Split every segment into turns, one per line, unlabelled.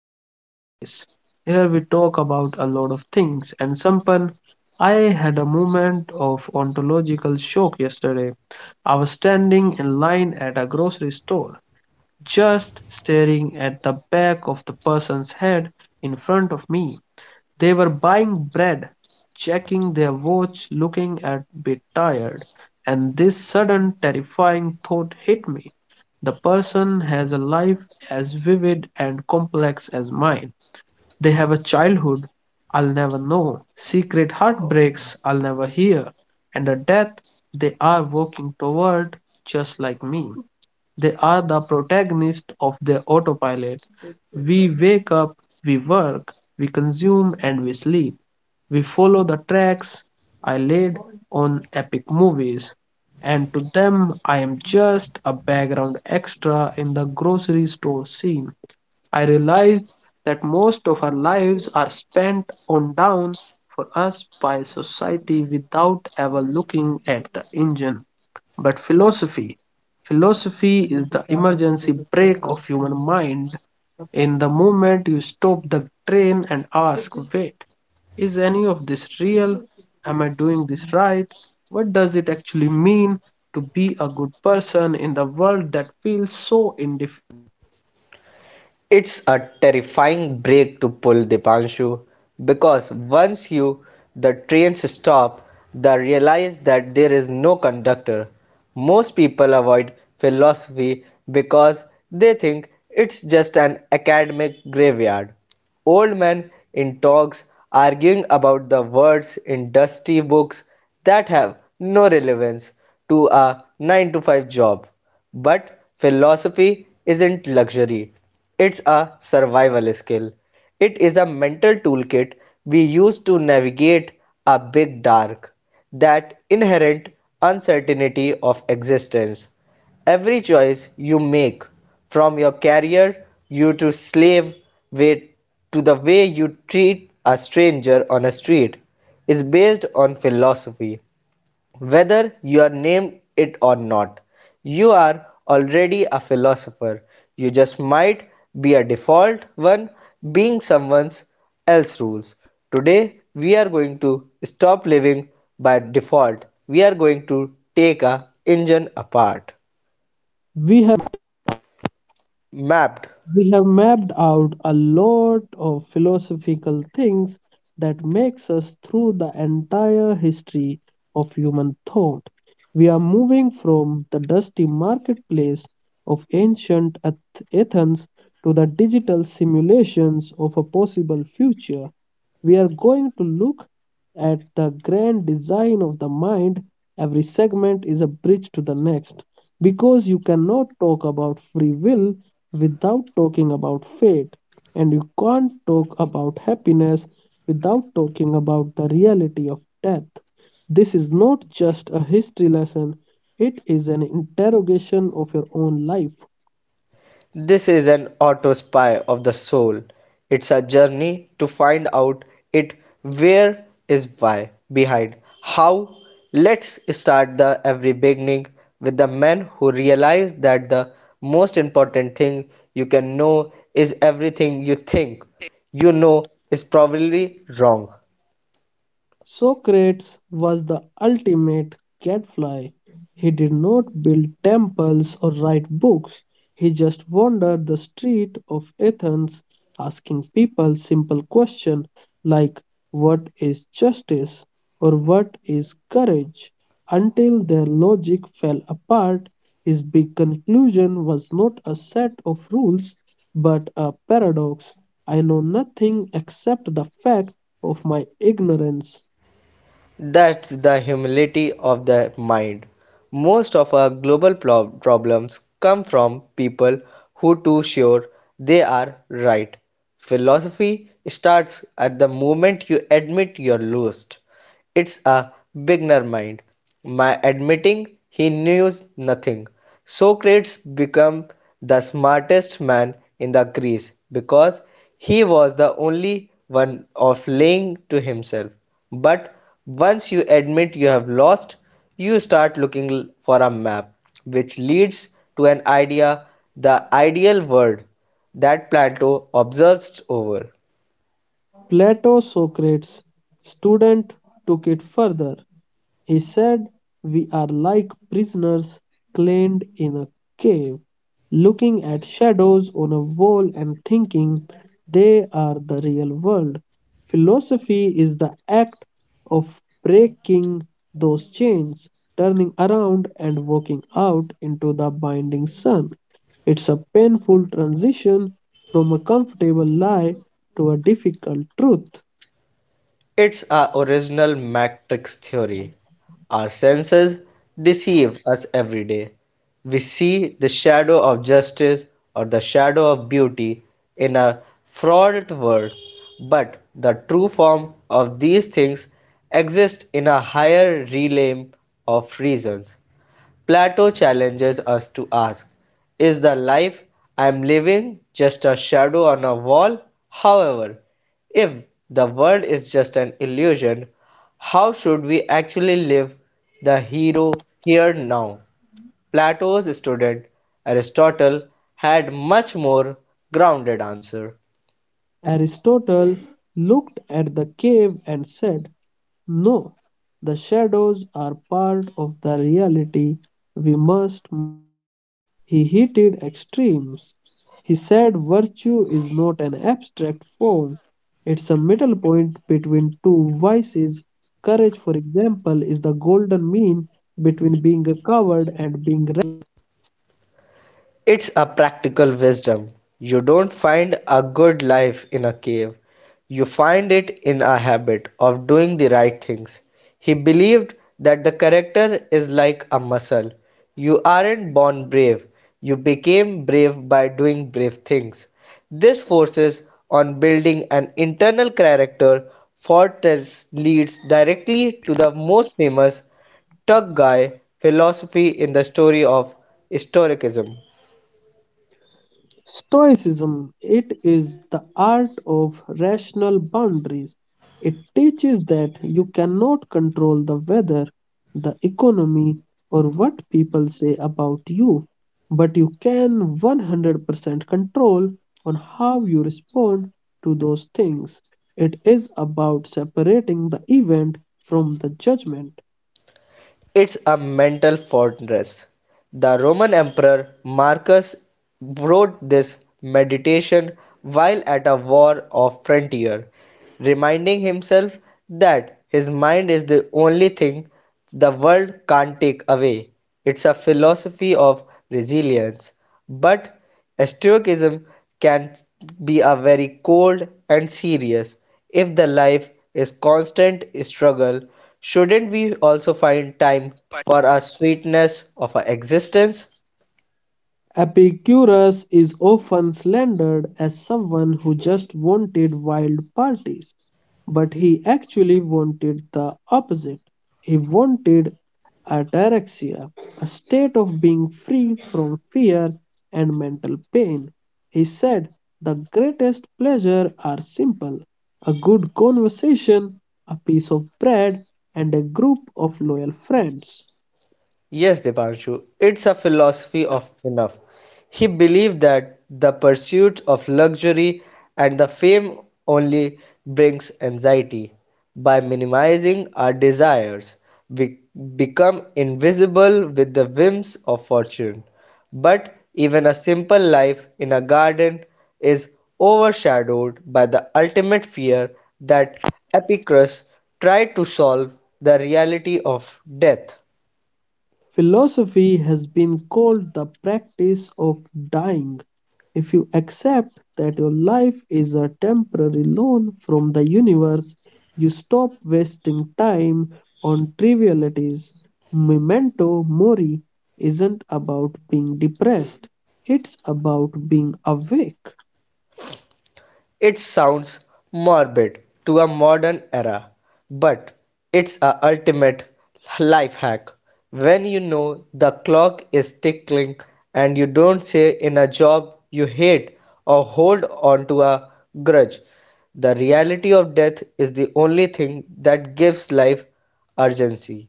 another space. Here we talk about a lot of things and Sampan, I had a moment of ontological shock yesterday. I was standing in line at a grocery store, just staring at the back of the person's head in front of me. They were buying bread, checking their watch, looking a bit tired, and this sudden terrifying thought hit me: the person has a life as vivid and complex as mine. They have a childhood I'll never know, secret heartbreaks I'll never hear, and a death they are working toward just like me. They are the protagonists of their autopilot. We wake up, we work, we consume, and we sleep. We follow the tracks I laid on epic movies, and to them I am just a background extra in the grocery store scene. I realized that most of our lives are spent on down for us by society without ever looking at the engine. But philosophy, philosophy is the emergency brake of human mind. In the moment you stop the train and ask, wait, is any of this real? Am I doing this right? What does it actually mean to be a good person in the world that feels so indifferent?
It's a terrifying break to pull, Dipanshu, because once you the trains stop, they realize that there is no conductor. Most people avoid philosophy because they think it's just an academic graveyard. Old men in talks arguing about the words in dusty books that have no relevance to a 9 to 5 job. But philosophy isn't luxury. It's a survival skill. It is a mental toolkit we use to navigate a big dark, that inherent uncertainty of existence. Every choice you make, from your career you to slave way to the way you treat a stranger on a street, is based on philosophy. Whether you are named it or not, you are already a philosopher. You just might be a default one being someone else's rules. Today, we are going to stop living by default. We are going to take a engine apart.
We
Mapped.
We have mapped out a lot of philosophical things that makes us through the entire history of human thought. We are moving from the dusty marketplace of ancient Athens to the digital simulations of a possible future. We are going to look at the grand design of the mind. Every segment is a bridge to the next because you cannot talk about free will without talking about fate, and you can't talk about happiness without talking about the reality of death. This is not just a history lesson, it is an interrogation of your own life.
This is an autopsy of the soul. It's a journey to find out it where is why behind how. Let's start the every beginning with the man who realized that the most important thing you can know is everything you think you know is probably wrong.
Socrates was the ultimate gadfly. He did not build temples or write books. He just wandered the street of Athens asking people simple questions like what is justice or what is courage until their logic fell apart. His big conclusion was not a set of rules but a paradox. I know nothing except the fact of my ignorance.
That's the humility of the mind. Most of our global problems come from people who too sure they are right. Philosophy starts at the moment you admit you're lost. It's a beginner mind. My admitting he knew nothing. Socrates became the smartest man in the Greece because he was the only one of lying to himself. But once you admit you have lost, you start looking for a map, which leads to an idea, the ideal world, that Plato obsessed over.
Plato Socrates' student took it further. He said, we are like prisoners chained in a cave, looking at shadows on a wall and thinking they are the real world. Philosophy is the act of breaking those chains, turning around and walking out into the binding sun. It's a painful transition from a comfortable lie to a difficult truth.
It's our original matrix theory. Our senses deceive us every day. We see the shadow of justice or the shadow of beauty in our fraudulent world, but the true form of these things exists in a higher realm of reasons. Plato challenges us to ask, is the life I am living just a shadow on a wall? However, if the world is just an illusion, how should we actually live the hero here now? Plato's student Aristotle had much more grounded answer.
Aristotle looked at the cave and said, no, the shadows are part of the reality we must master. He hated extremes. He said virtue is not an abstract form, it's a middle point between two vices. Courage, for example, is the golden mean between being a coward and being
It's a practical wisdom. You don't find a good life in a cave. You find it in a habit of doing the right things. He believed that the character is like a muscle. You aren't born brave. You became brave by doing brave things. This forces on building an internal character. Fortress leads directly to the most famous Tug Guy philosophy in the story of historicism.
Stoicism, it is the art of rational boundaries. It teaches that you cannot control the weather, the economy, or what people say about you, but you can 100% control on how you respond to those things. It is about separating the event from the judgment.
It's a mental fortress. The Roman Emperor Marcus wrote this meditation while at a war of frontier, reminding himself that his mind is the only thing the world can't take away. It's a philosophy of resilience, but Stoicism can be a very cold and serious. If the life is constant struggle, shouldn't we also find time for a sweetness of our existence?
Epicurus is often slandered as someone who just wanted wild parties, but he actually wanted the opposite. He wanted ataraxia, a state of being free from fear and mental pain. He said, the greatest pleasures are simple a good conversation, a piece of bread, and a group of loyal friends.
Yes, Dipanshu, it's a philosophy of enough. He believed that the pursuit of luxury and the fame only brings anxiety. By minimizing our desires, we become invisible with the whims of fortune. But even a simple life in a garden is overshadowed by the ultimate fear that Epicurus tried to solve the reality of death.
Philosophy has been called the practice of dying. If you accept that your life is a temporary loan from the universe, you stop wasting time on trivialities. Memento mori isn't about being depressed, it's about being awake.
It sounds morbid to a modern era, but it's a ultimate life hack. When you know the clock is tickling and you don't say in a job you hate or hold on to a grudge, the reality of death is the only thing that gives life urgency.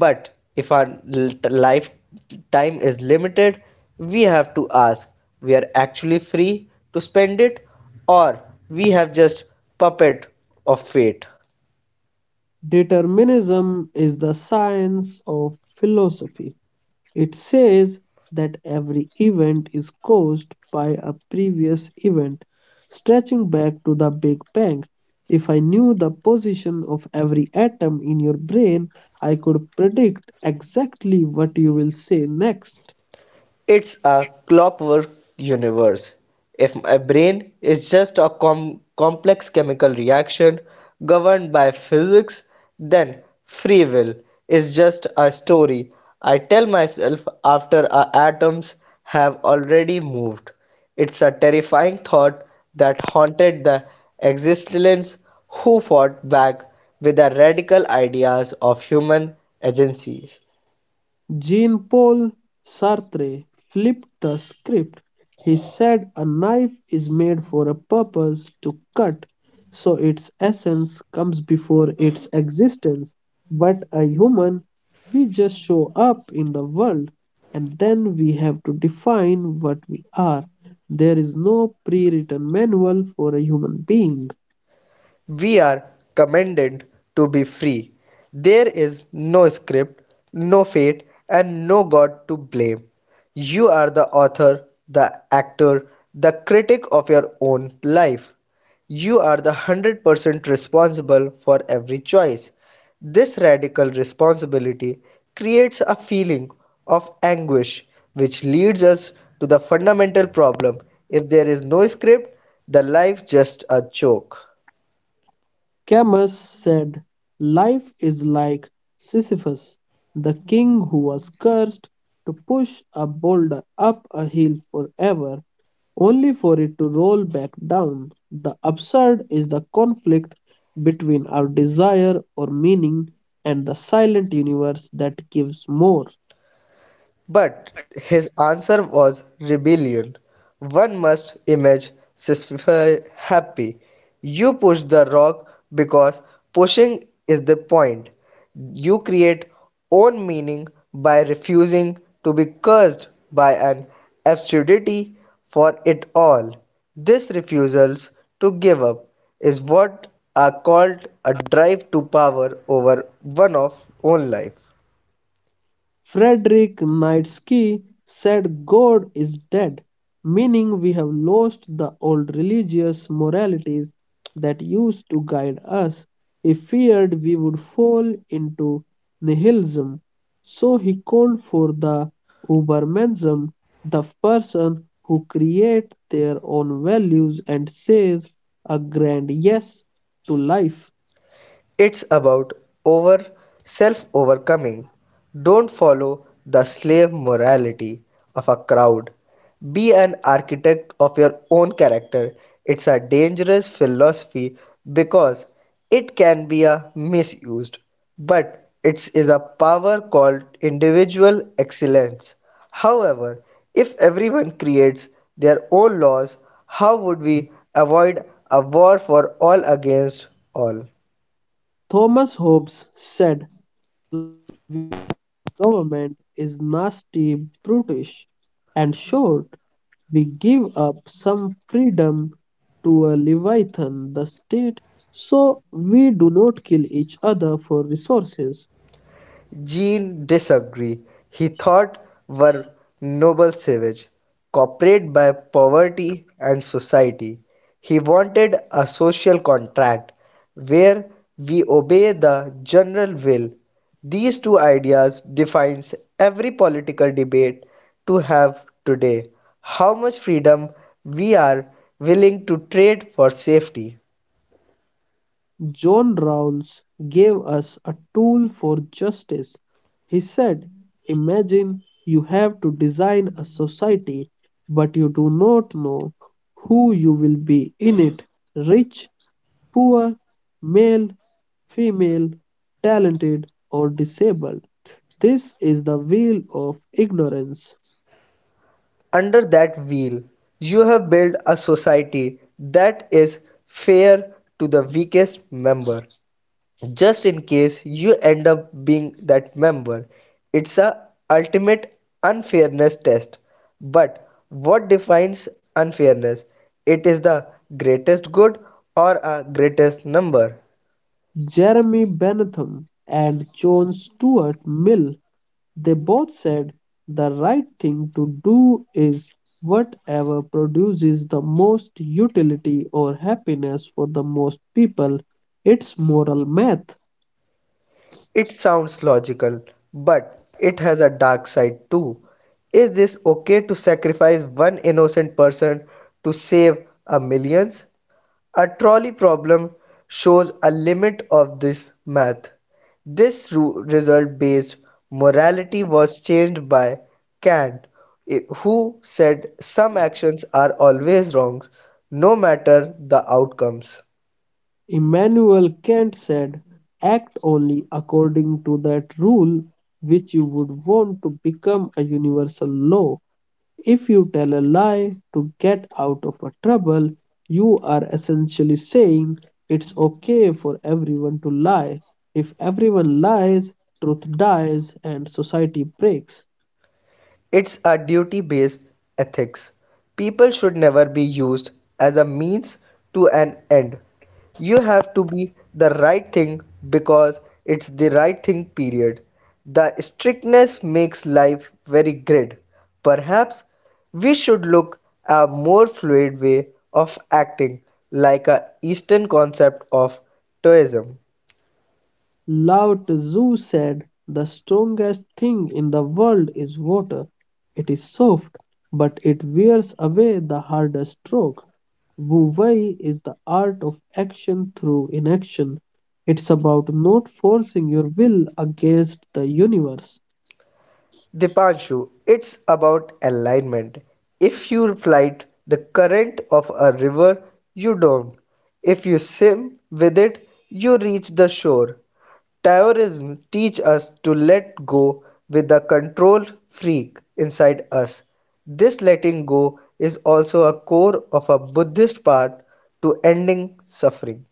But if our l- lifetime is limited, we have to ask, we are actually free to spend it, or we have just puppet of fate?
Determinism is the science of philosophy. It says that every event is caused by a previous event, stretching back to the Big Bang. If I knew the position of every atom in your brain, I could predict exactly what you will say next.
It's a clockwork universe. If my brain is just a complex chemical reaction governed by physics, then free will is just a story I tell myself after our atoms have already moved. It's a terrifying thought that haunted the existence who fought back with the radical ideas of human agencies.
Jean-Paul Sartre flipped the script. He said a knife is made for a purpose, to cut, so its essence comes before its existence. But a human, we just show up in the world and then we have to define what we are. There is no pre-written manual for a human being.
We are commanded to be free. There is no script, no fate, and no God to blame. You are the author, the actor, the critic of your own life. You are the 100% responsible for every choice. This radical responsibility creates a feeling of anguish, which leads us to the fundamental problem. If there is no script, the life just a joke.
Camus said, life is like Sisyphus, the king who was cursed to push a boulder up a hill forever, only for it to roll back down. The absurd is the conflict between our desire or meaning and the silent universe that gives more.
But his answer was rebellion. One must image Sisyphus happy. You push the rock because pushing is the point. You create own meaning by refusing to be cursed by an absurdity for it all. This refusals to give up is what are called a drive to power over one of own life.
Frederick Nietzsche said God is dead, meaning we have lost the old religious moralities that used to guide us. He feared we would fall into nihilism, so he called for the Ubermensch, the person who creates their own values and says a grand yes to life.
It's about over self overcoming. Don't follow the slave morality of a crowd. Be an architect of your own character. It's a dangerous philosophy because it can be a misused, but it is a power called individual excellence. However, if everyone creates their own laws, how would we avoid a war for all against all?
Thomas Hobbes said, government is nasty, brutish, and short. We give up some freedom to a Leviathan, the state, so we do not kill each other for resources.
Jean disagreed. He thought were noble savage, corporate by poverty and society. He wanted a social contract where we obey the general will. These two ideas defines every political debate to have today. How much freedom we are willing to trade for safety.
John Rawls gave us a tool for justice. He said, imagine you have to design a society, but you do not know who you will be in it rich, poor, male, female, talented, or disabled. This is the wheel of ignorance.
Under that wheel, you have built a society that is fair to the weakest member. Just in case you end up being that member, it's a ultimate unfairness test. But what defines unfairness? It is the greatest good or a greatest number.
Jeremy Bentham and John Stuart Mill, they both said the right thing to do is whatever produces the most utility or happiness for the most people. It's moral math.
It sounds logical, but it has a dark side too. Is this okay to sacrifice one innocent person to save a millions? A trolley problem shows a limit of this math. This result based morality was changed by Kant, who said some actions are always wrongs no matter the outcomes.
Immanuel Kant said, act only according to that rule which you would want to become a universal law. If you tell a lie to get out of a trouble, you are essentially saying it's okay for everyone to lie. If everyone lies, truth dies and society breaks.
It's a duty based ethics. People should never be used as a means to an end. You have to be the right thing because it's the right thing, period. The strictness makes life very grid. Perhaps we should look a more fluid way of acting, like a Eastern concept of Taoism.
Lao Tzu said, the strongest thing in the world is water. It is soft, but it wears away the hardest rock. Wu Wei is the art of action through inaction. It's about not forcing your will against the universe.
Dipanshu, it's about alignment. If you fight the current of a river, you don't. If you swim with it, you reach the shore. Taoism teaches us to let go with the control freak inside us. This letting go is also a core of a Buddhist path to ending suffering.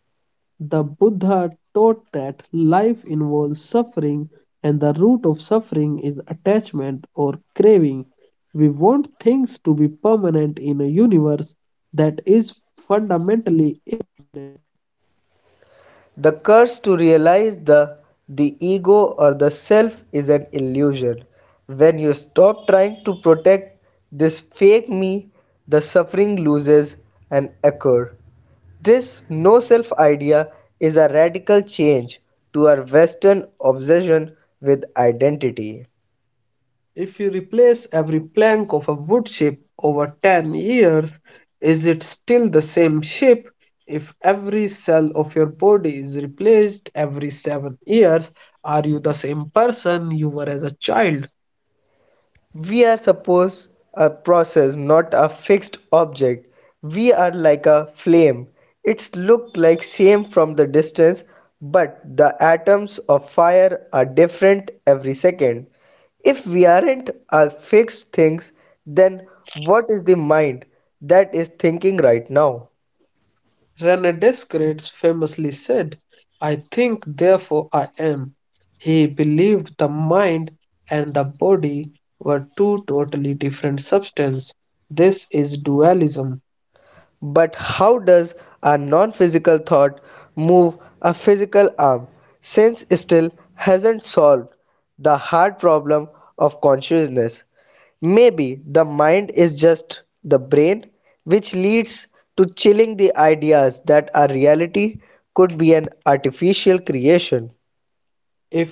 The Buddha taught that life involves suffering, and the root of suffering is attachment or craving. We want things to be permanent in a universe that is fundamentally.
The curse to realize the ego or the self is an illusion. When you stop trying to protect this fake me, the suffering loses an anchor. This no self idea is a radical change to our Western obsession with identity.
If you replace every plank of a wood ship over 10 years, is it still the same ship? If every cell of your body is replaced every 7 years, are you the same person you were as a child?
We are suppose a process, not a fixed object. We are like a flame. It's look like same from the distance, but the atoms of fire are different every second. If we aren't are fixed things, then what is the mind that is thinking right now?
René Descartes famously said, I think, therefore I am. He believed the mind and the body were two totally different substances. This is dualism.
But how does a non physical thought move a physical arm, since still hasn't solved the hard problem of consciousness? Maybe the mind is just the brain, which leads to chilling the ideas that our reality could be an artificial creation.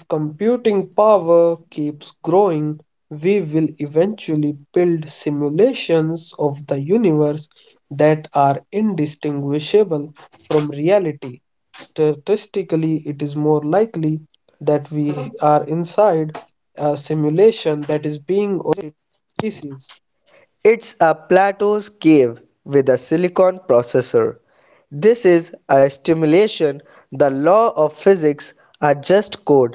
If computing power keeps growing, we will eventually build simulations of the universe that are indistinguishable from reality. Statistically, it is more likely that we are inside a simulation that is being overseas.
It's a Plato's cave with a silicon processor. This is a stimulation. The law of physics are just code.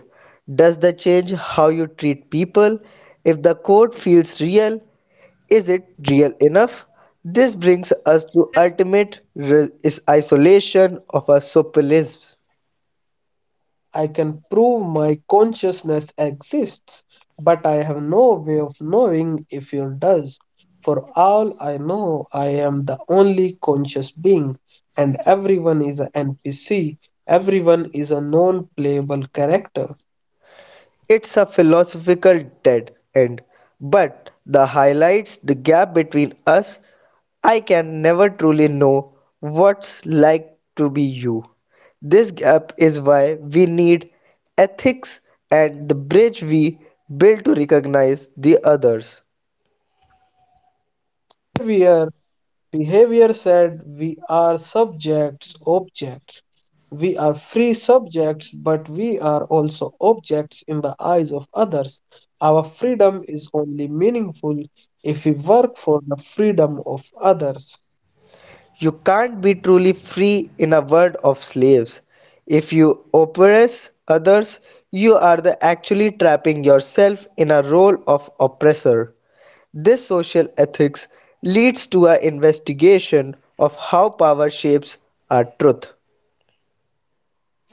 Does that change how you treat people? If the code feels real, is it real enough? This brings us to ultimate is isolation of a socialism.
I can prove my consciousness exists, but I have no way of knowing if it does. For all I know, I am the only conscious being, and everyone is an NPC, everyone is a non playable character.
It's a philosophical dead end, but the highlights the gap between us. I can never truly know what's like to be you. This gap is why we need ethics and the bridge we build to recognize the others.
We are. Behavior said we are subjects, objects. We are free subjects, but we are also objects in the eyes of others. Our freedom is only meaningful if we work for the freedom of others.
You can't be truly free in a world of slaves. If you oppress others, you are the actually trapping yourself in a role of oppressor. This social ethics leads to an investigation of how power shapes our truth.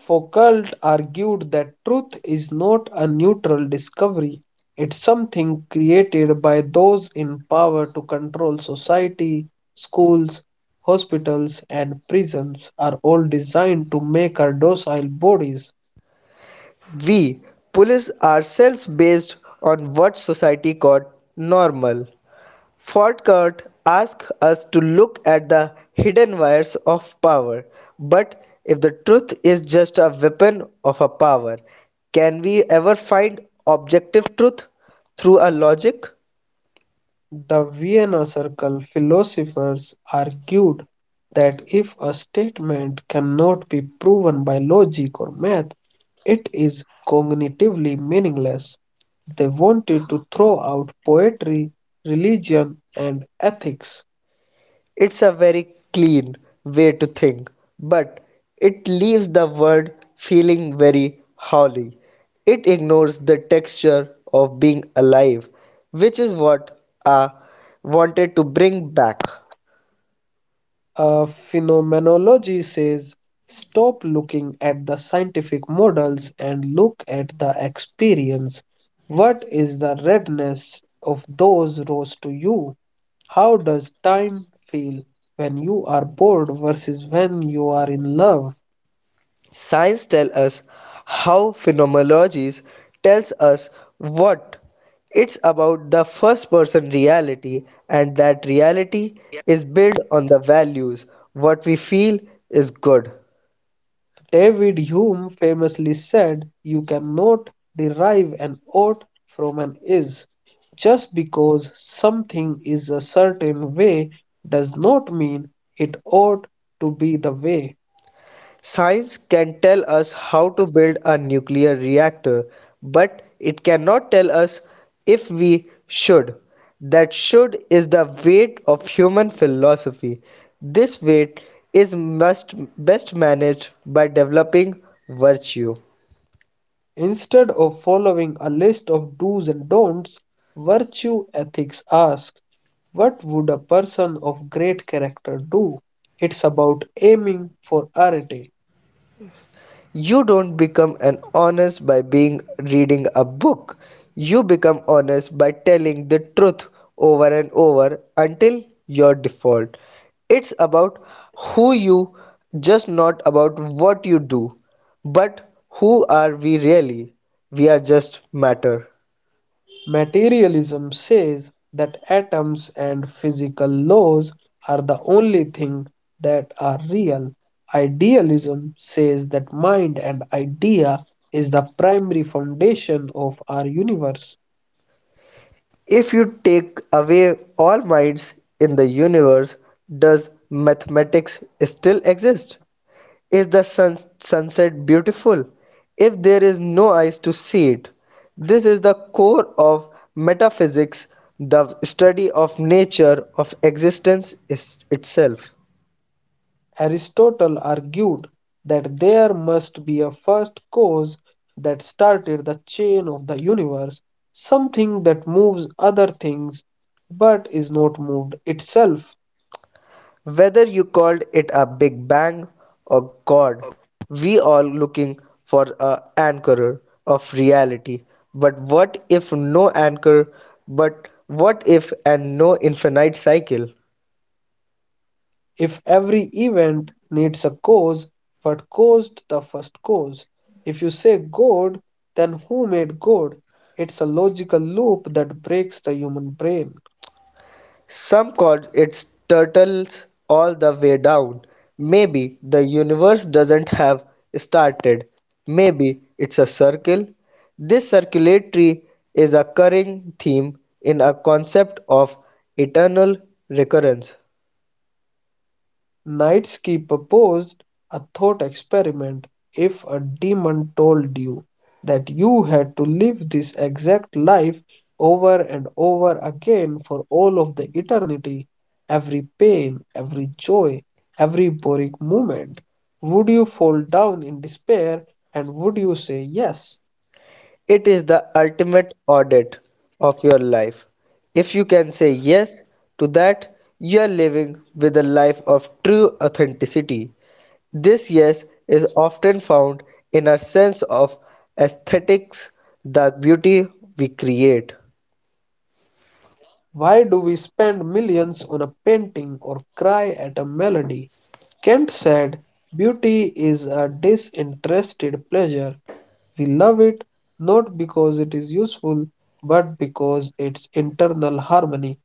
Foucault argued that truth is not a neutral discovery, it's something created by those in power to control society, schools, hospitals, and prisons are all designed to make our docile bodies.
We police ourselves based on what society called normal. Falkert asks us to look at the hidden wires of power. But if the truth is just a weapon of a power, can we ever find objective truth through a logic?
The Vienna Circle philosophers argued that if a statement cannot be proven by logic or math, it is cognitively meaningless. They wanted to throw out poetry, religion, and ethics.
It's a very clean way to think, but it leaves the word feeling very hollow. It ignores the texture of being alive, which is what I wanted to bring back.
Phenomenology says stop looking at the scientific models and look at the experience. What is the redness of those rose to you? How does time feel when you are bored versus when you are in love?
Science tells us how phenomenology tells us what. It's about the first person reality, and that reality is built on the values. What we feel is good.
David Hume famously said, you cannot derive an ought from an is. Just because something is a certain way does not mean it ought to be the way.
Science can tell us how to build a nuclear reactor, but it cannot tell us if we should. That should is the weight of human philosophy. This weight is must best managed by developing virtue.
Instead of following a list of do's and don'ts, virtue ethics asks, what would a person of great character do? It's about aiming for arity.
You don't become an honest by being reading a book. You become honest by telling the truth over and over until your default. It's about who you just not about what you do. But who are we really? We are just matter.
Materialism says that atoms and physical laws are the only thing that are real. Idealism says that mind and idea is the primary foundation of our universe.
If you take away all minds in the universe, does mathematics still exist? Is the sunset beautiful if there is no eyes to see it? This is the core of metaphysics, the study of nature, of existence itself.
Aristotle argued that there must be a first cause that started the chain of the universe, something that moves other things but is not moved itself.
Whether you called it a Big Bang or God, we all looking for a anchor of reality. But what if no anchor? But what if and no infinite cycle?
If every event needs a cause, what caused the first cause? If you say God, then who made God? It's a logical loop that breaks the human brain.
Some call it turtles all the way down. Maybe the universe doesn't have started. Maybe it's a circle. This circularity is a recurring theme in a concept of eternal recurrence.
Nitsky proposed a thought experiment. If a demon told you that you had to live this exact life over and over again for all of the eternity, every pain, every joy, every boring moment, would you fall down in despair and would you say yes?
It is the ultimate audit of your life. If you can say yes to that, you are living with a life of true authenticity. This yes is often found in our sense of aesthetics, the beauty we create.
Why do we spend millions on a painting or cry at a melody? Kant said, beauty is a disinterested pleasure. We love it not because it is useful, but because it's internal harmony.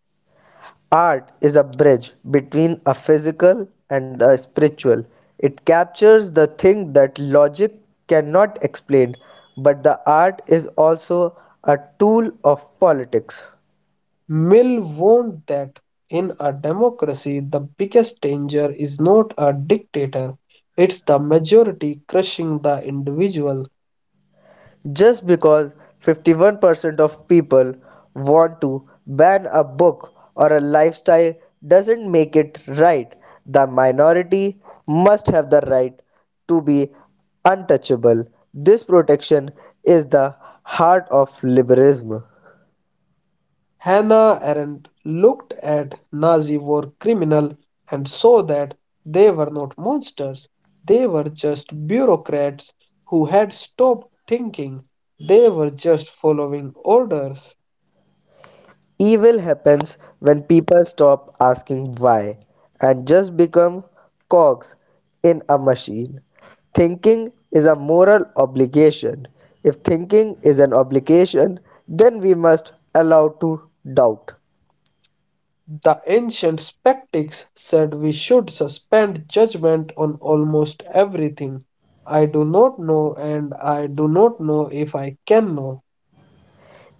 Art is a bridge between a physical and a spiritual. It captures the thing that logic cannot explain, but the art is also a tool of politics.
Mill warned that in a democracy, the biggest danger is not a dictator, it's the majority crushing the individual.
Just because 51% of people want to ban a book or a lifestyle doesn't make it right. The minority must have the right to be untouchable. This protection is the heart of liberalism.
Hannah Arendt looked at Nazi war criminals and saw that they were not monsters. They were just bureaucrats who had stopped thinking. They were just following orders.
Evil happens when people stop asking why and just become cogs in a machine. Thinking is a moral obligation. If thinking is an obligation, then we must allow to doubt.
The ancient skeptics said we should suspend judgment on almost everything. I do not know, and I do not know if I can know.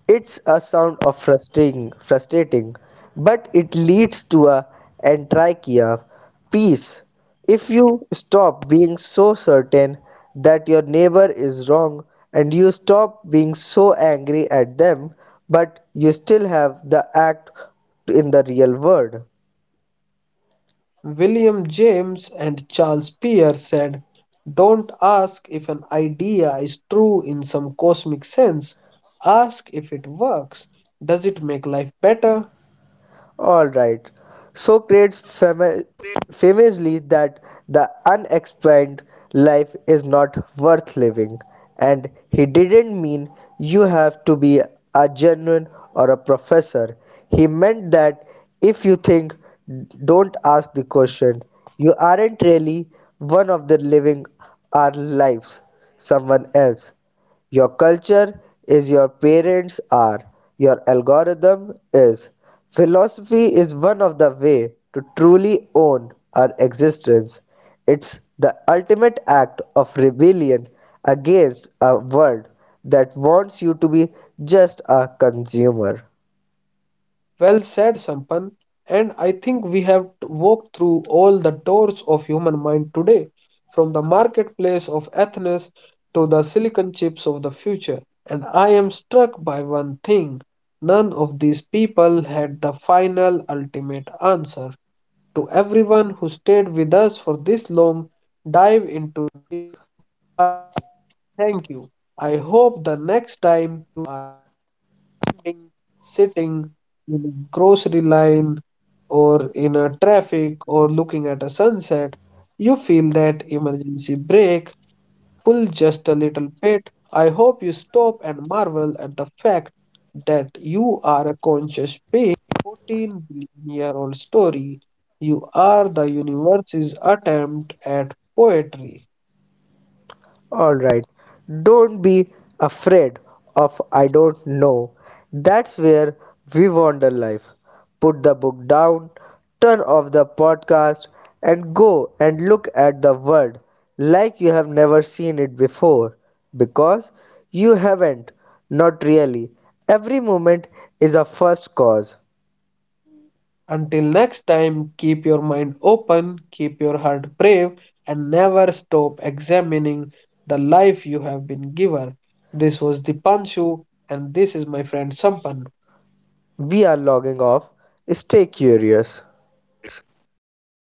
It's a sound of frustrating, but it leads to a entrachea peace. If you stop being so certain that your neighbor is wrong and you stop being so angry at them, but you still have the act in the real world.
William James and Charles Peirce said, don't ask if an idea is true in some cosmic sense. Ask if it works. Does it make life better?
All right. Socrates famously that the unexplained life is not worth living, and he didn't mean you have to be a genuine or a professor. He meant that if you think, don't ask the question. You aren't really one of the living our lives, someone else. Your culture is your parents are. Your algorithm is. Philosophy is one of the way to truly own our existence. It's the ultimate act of rebellion against a world that wants you to be just a consumer.
Well said, Sampan. And I think we have walked through all the doors of human mind today, from the marketplace of Athens to the silicon chips of the future. And I am struck by one thing. None of these people had the final, ultimate answer. To everyone who stayed with us for this long dive into life. Thank you. I hope the next time standing, sitting in a grocery line or in a traffic or looking at a sunset, you feel that emergency brake pull just a little bit. I hope you stop and marvel at the fact that you are a conscious being. 14 billion year old story. You are the universe's attempt at poetry.
Alright, don't be afraid of I don't know. That's where we wander life. Put the book down, turn off the podcast, and go and look at the world like you have never seen it before. Because you haven't, not really. Every moment is a first cause.
Until next time, keep your mind open, keep your heart brave, and never stop examining the life you have been given. This was the Dipanshu, and this is my friend Sampan.
We are logging off. Stay curious.